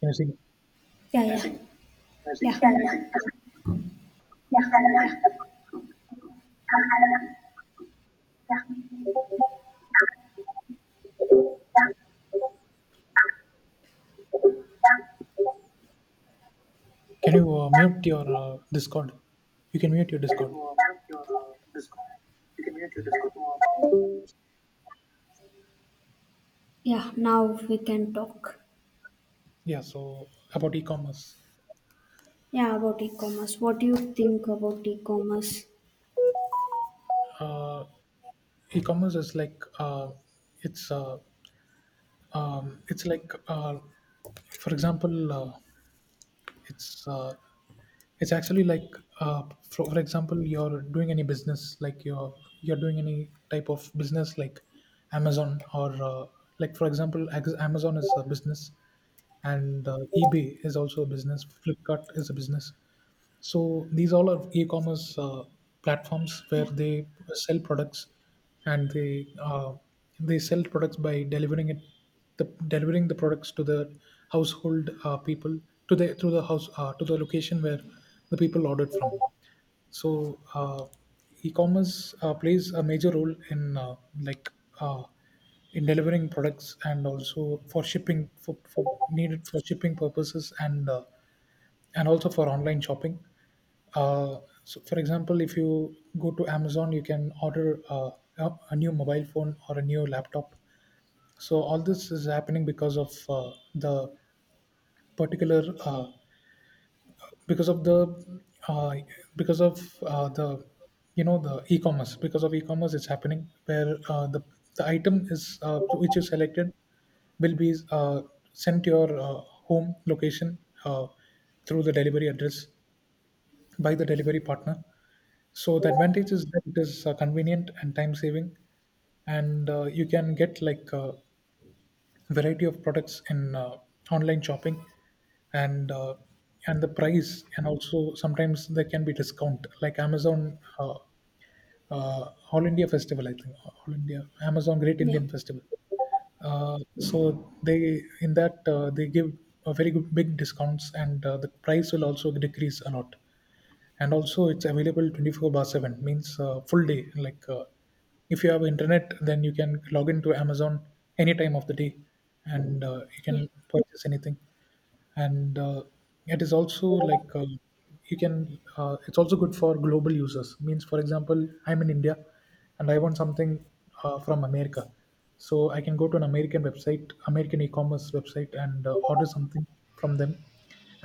Can you Yeah, yeah, see? yeah, Yeah, yeah. Can you mute your Discord? You can mute your Discord. yeah. Now we can talk. Yeah. So about e-commerce, Yeah, about e-commerce. What do you think about e-commerce? uh, e-commerce is like it's uh, it's like for example, it's uh, it's actually like uh, for example, you're doing any business like you're doing any type of business like Amazon or like for example, Amazon is a business, and ebay is also a business, flipkart is a business. So these all are e-commerce platforms where Yeah, they sell products, and they sell products by the delivering the products to the household people, to the through the house to the location where the people ordered from. So e-commerce plays a major role in like uh, in delivering products and also for shipping, for needed for shipping purposes, and also for online shopping. uh, so for example, if you go to amazon you can order a new mobile phone or a new laptop. So all this is happening because of the particular because of the uh, because of the the e-commerce. Because of e-commerce it's happening, where the item is which you selected will be sent to your home location uh, through the delivery address, by the delivery partner. So the advantage is that it is convenient and time saving, and you can get like variety of products in online shopping, and uh, and the price, and also sometimes there can be discount, like amazon all india festival. I think all india amazon great yeah, indian festival. So they, in that they give a very good big discounts, and the price will also decrease a lot. And also it's available 24 bar 7, means full day. Like if you have internet, then you can log into amazon any time of the day, and you yeah, can purchase anything. And it is also like you can it's also good for global users. Means, for example, I'm in india and I want something from america. So I can go to an american website, american e-commerce website, and order something from them.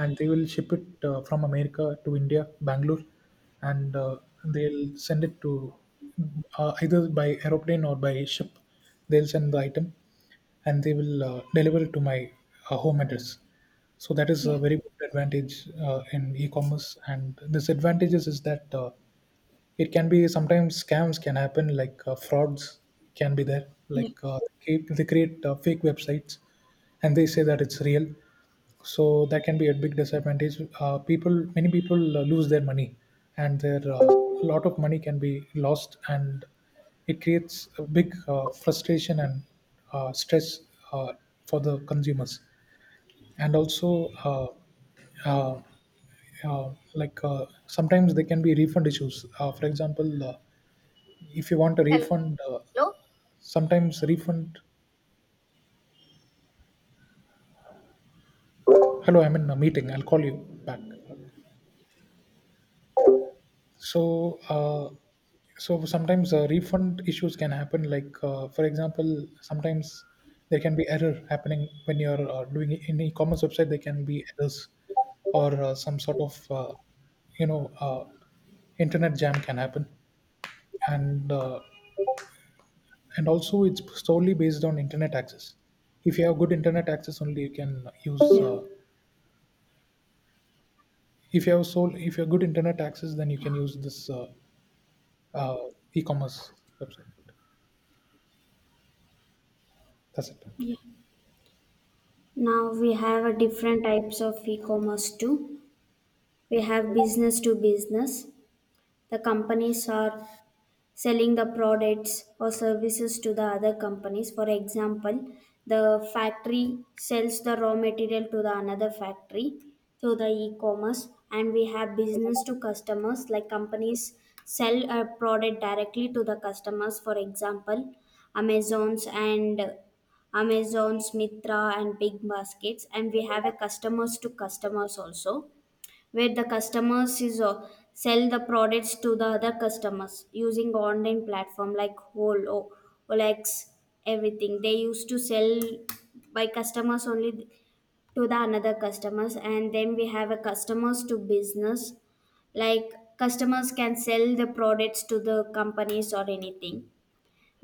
And they will ship it from america to india bangalore, and they'll send it to either by aeroplane or by ship. They'll send the item, and they will deliver it to my home address. So that is a yeah, very good advantage in e-commerce. And disadvantages is that it can be, sometimes scams can happen, like frauds can be there. yeah, Like they create fake websites, and they say that it's real, so that can be a big disadvantage. People, many people lose their money, and their lot of money can be lost, and it creates a big frustration and stress uh, for the consumers. And also uh, sometimes there can be refund issues. For example, if you want a refund, sometimes refund, hello, I'm in a meeting, I'll call you back. So so sometimes refund issues can happen. Like for example, sometimes there can be error happening when you're doing it in e-commerce website, there can be errors, or some sort of you know uh, internet jam can happen. And and also it's solely based on internet access. If you have good internet access only, you can use yeah, if you have sole if you have good internet access, then you yeah, can use this uh, e-commerce website. That's it. yeah. Now we have a different types of e-commerce too. We have business to business. The companies are selling the products or services to the other companies, for example the factory sells the raw material to the another factory through the e-commerce. And we have business to customers like companies sell a product directly to the customers, for example Amazons and Amazons Mitra and Big Baskets. And we have a customers to customers also where the customers is sell the products to the other customers using online platform like whole Olex. Everything they used to sell by customers only to the another customers. And then we have a customers to business like customers can sell the products to the companies or anything.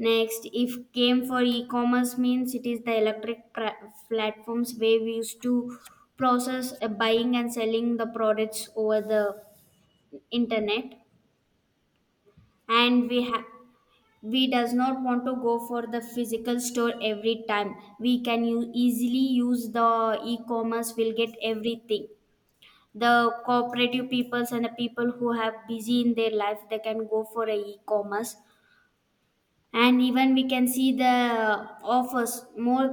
Next, if came for e-commerce means it is the electric platforms where we used to process buying and selling the products over the internet. And we does not want to go for the physical store every time. We can easily use the e-commerce. We'll get everything. The cooperative peoples and the people who have busy in their life, they can go for a e-commerce. And even we can see the offers, more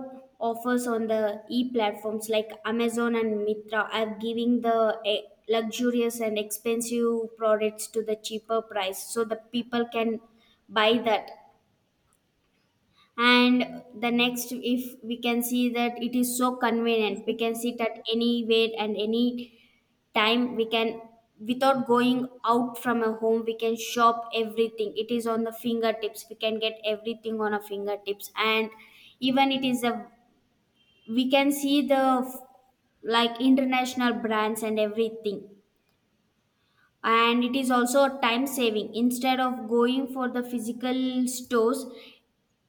offers on the e platforms like Amazon and Mitra are giving the luxurious and expensive products to the cheaper price, so the people can buy that. And the next, if we can see that, it is so convenient. We can sit at any weight and any time we can, without going out from a home, we can shop everything. It is on the fingertips, we can get everything on our fingertips. And even it is a we can see the like international brands and everything. And it is also time saving instead of going for the physical stores.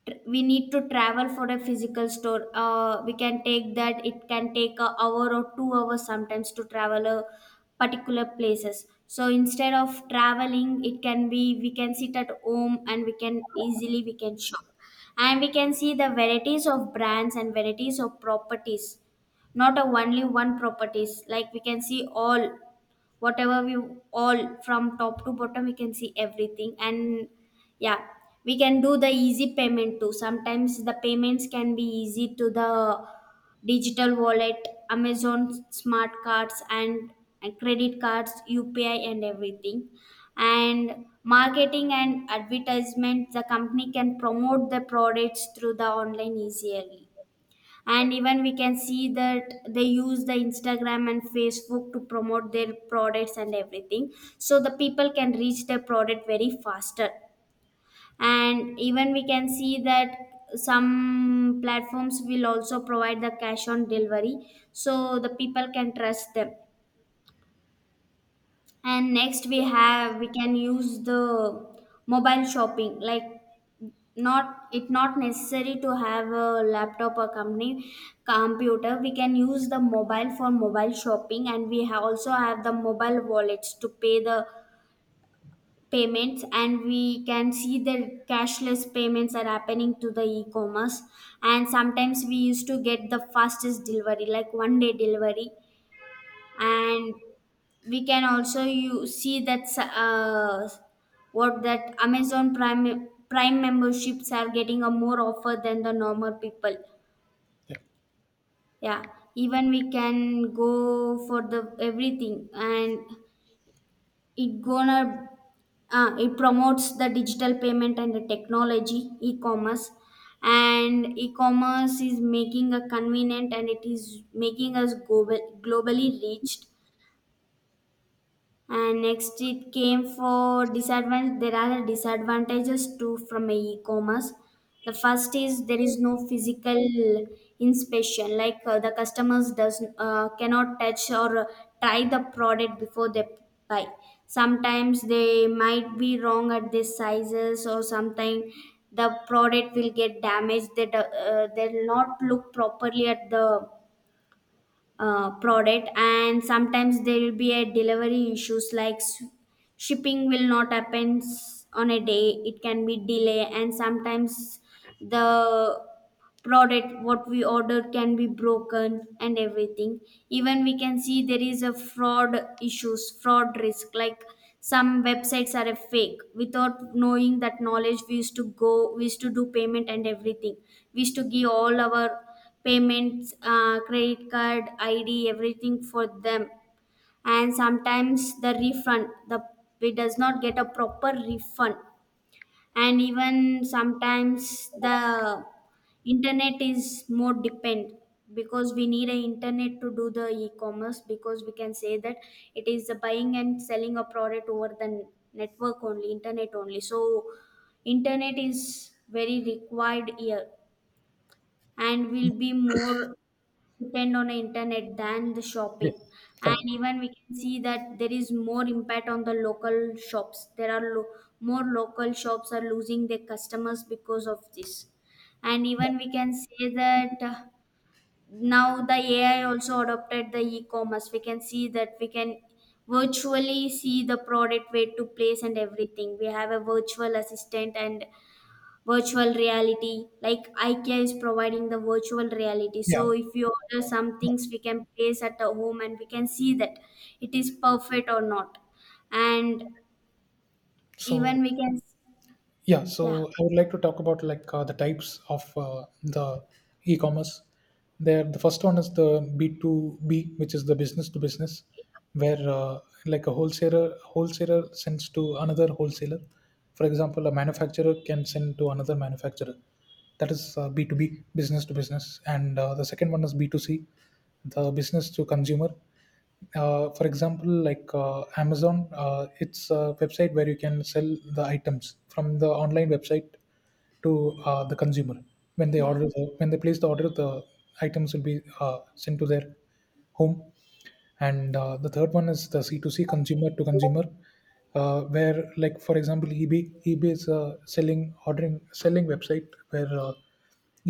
We need to travel for a physical store, we can take that it can take a hour or 2 hours sometimes to travel a particular places. So instead of traveling, it can be we can sit at home and we can easily we can shop. And we can see the varieties of brands and varieties of properties, not a only one properties. Like we can see all, whatever we, all from top to bottom we can see everything. And yeah, we can do the easy payment too. Sometimes the payments can be easy to the digital wallet, Amazon smart cards, and credit cards, UPI and everything. And marketing and advertisement, the company can promote the products through the online easily. And even we can see that they use the Instagram and Facebook to promote their products and everything. So the people can reach their product very faster. And even we can see that some platforms will also provide the cash on delivery, so the people can trust them. And next we can use the mobile shopping. Like not it not necessary to have a laptop or company computer, we can use the mobile for mobile shopping. And also have the mobile wallets to pay the payments. And we can see the cashless payments are happening to the e-commerce. And sometimes we used to get the fastest delivery like one day delivery. And we can also you see that what that Amazon Prime memberships are getting a more offer than the normal people. Yeah. Yeah, even we can go for the everything. And it gonna it promotes the digital payment and the technology e-commerce. And e-commerce is making a convenient, and it is making us globally reached. And next it came for disadvantage, there are disadvantages too from a e-commerce. The first is there is no physical inspection, like the customers does cannot touch or try the product before they buy. Sometimes they might be wrong at their sizes, or sometimes the product will get damaged, they'll not look properly at the product. And sometimes there will be a delivery issues, like shipping will not happen on a day, it can be delay. And sometimes the product what we ordered can be broken and everything. Even we can see there is a fraud issues, fraud risk. Like some websites are a fake, without knowing that knowledge, we used to do payment and everything. We used to give all our payments, credit card id everything for them. And sometimes the refund, the we does not get a proper refund. And even sometimes the internet is more depend, because we need a internet to do the e-commerce. Because we can say that it is the buying and selling a product over the network only, internet only. So internet is very required here. And we'll be more depend on the internet than the Yeah. shopping. And Correct. even we can see that there is more impact on the local shops. There are more local shops are losing their customers because of this. And even we can say that now the AI also adopted the e-commerce. We can see that we can virtually see the product where to place and everything. We have a virtual assistant and virtual reality, like Ikea is providing the virtual reality. Yeah. So if you order some things we can place at a home and we can see that it is perfect or not. And even So we can yeah. Yeah, So I would like to talk about like the types of the e-commerce. There, the first one is the B2B, which is the business to business, where like a wholesaler sends to another wholesaler. For example, a manufacturer can send to another manufacturer. That is B2B, business to business. And the second one is B2C, the business to consumer. For example, like amazon, it's a website where you can sell the items from the online website to the consumer. When they yeah, order the, when they place the order, the items will be sent to their home. And the third one is the C2C, consumer to consumer, where like for example ebay. Ebay is a selling website where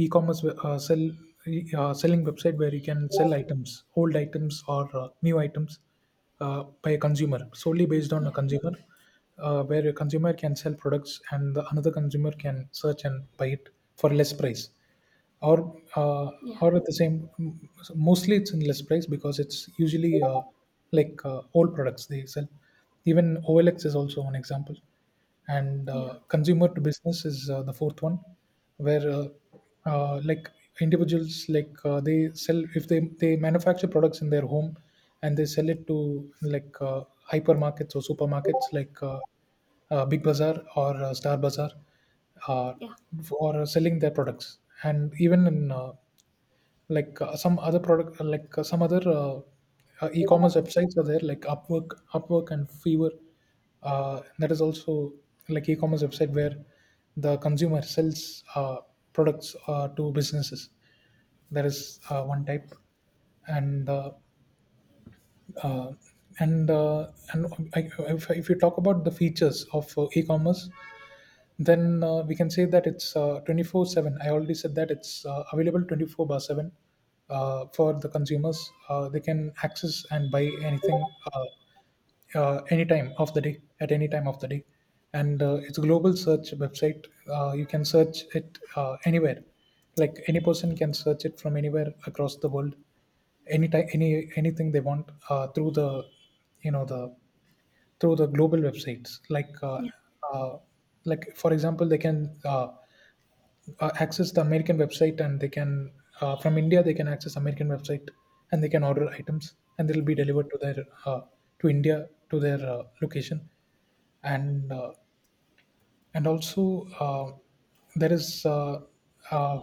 e-commerce we- sell e- selling website where you can sell items, old items, or new items, by a consumer, solely based on a yeah, consumer, where a consumer can sell products, and the another consumer can search and buy it for less price, or uh, yeah, or at the same, mostly it's in less price, because it's usually like old products they sell. Even olx is also one example. And yeah, consumer to business is the fourth one, where like individuals, like they sell if they, they manufacture products in their home, and they sell it to like hypermarkets or supermarkets, like big bazaar, or star bazaar, uh, yeah, for selling their products. And even in some other product like some other e-commerce websites are there, like upwork and Fiverr. That is also like e-commerce website, where the consumer sells products to businesses. That is one type. And uh, uh, and uh, and I, if you talk about the features of e-commerce, then we can say that it's 24/7. I already said that it's available 24 bar 7 for the consumers. They can access and buy anything any time of the day at any time of the day. And it's a global search website. You can search it anywhere. Like any person can search it from anywhere across the world, any time, anything they want, through the the, through the global websites, yeah, uh, like for example they can access the american website, and they can from india they can access american website, and they can order items, and they'll be delivered to their to india, to their location. And and also uh, there is uh,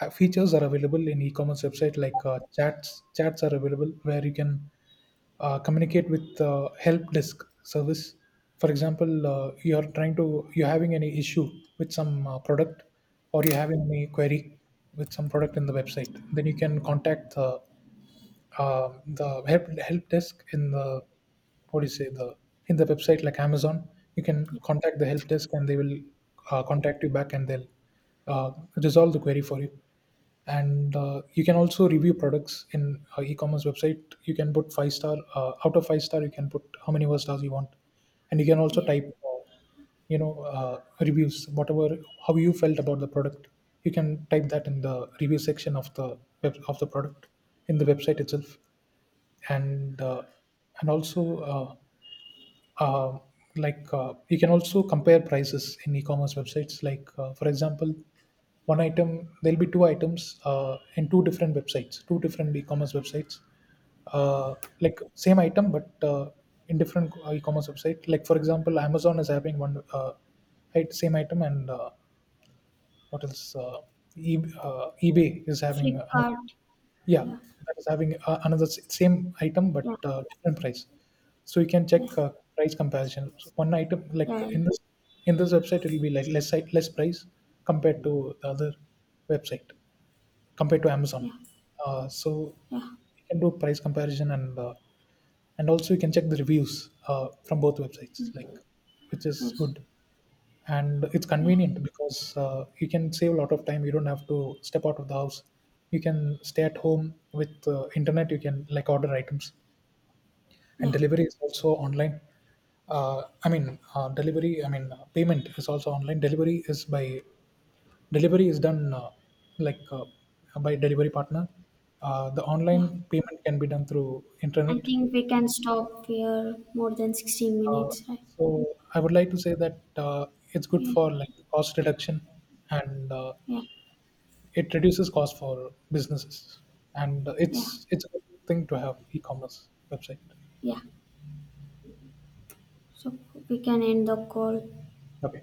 features are available in e-commerce website, like chats are available where you can communicate with help desk service. For example, you are trying to, you're having any issue with some product, or you have any query with some product in the website, then you can contact help desk in the, what do you say, the, in the website like Amazon, you can yeah, contact the help desk, and they will contact you back, and they'll uh, resolve the query for you. And you can also review products in e-commerce website. You can put 5 star out of 5 star. You can put how many more stars you want, and you can also yeah. type. Reviews, whatever, how you felt about the product, you can type that in the review section of the web, of the product, in the website itself. And and also uh, you can also compare prices in e-commerce websites, like for example one item, there'll be two items in two different websites, two different e-commerce websites, uh, like same item but in different e-commerce website. Like for example amazon is having one, same item, and what else uh, ebay is having another. Flipkart. Yeah, Yeah, that is having another same item, but yeah, different price. So you can yeah, check price comparison. So one item, like yeah, in this, in this website it will be like less price compared to the other website, compared to Amazon. yeah, yeah, So yeah, you can do price comparison. And and also you can check the reviews from both websites, like which is yes, good. And it's yeah, convenient, because you can save a lot of time, you don't have to step out of the house, you can stay at home with internet, you can like order items, and yeah, delivery is also online. I mean delivery I mean Payment is also online, delivery is done like uh, by delivery partner. The yeah. online payment can be done through I internet. think we can stop here, more than 16 uh, minutes, right? so I would like to say that it's good Yeah, for like cost reduction, and yeah. it reduces cost for businesses, and Yeah, it's a good thing to have e-commerce website. yeah. So we can end the call. Okay.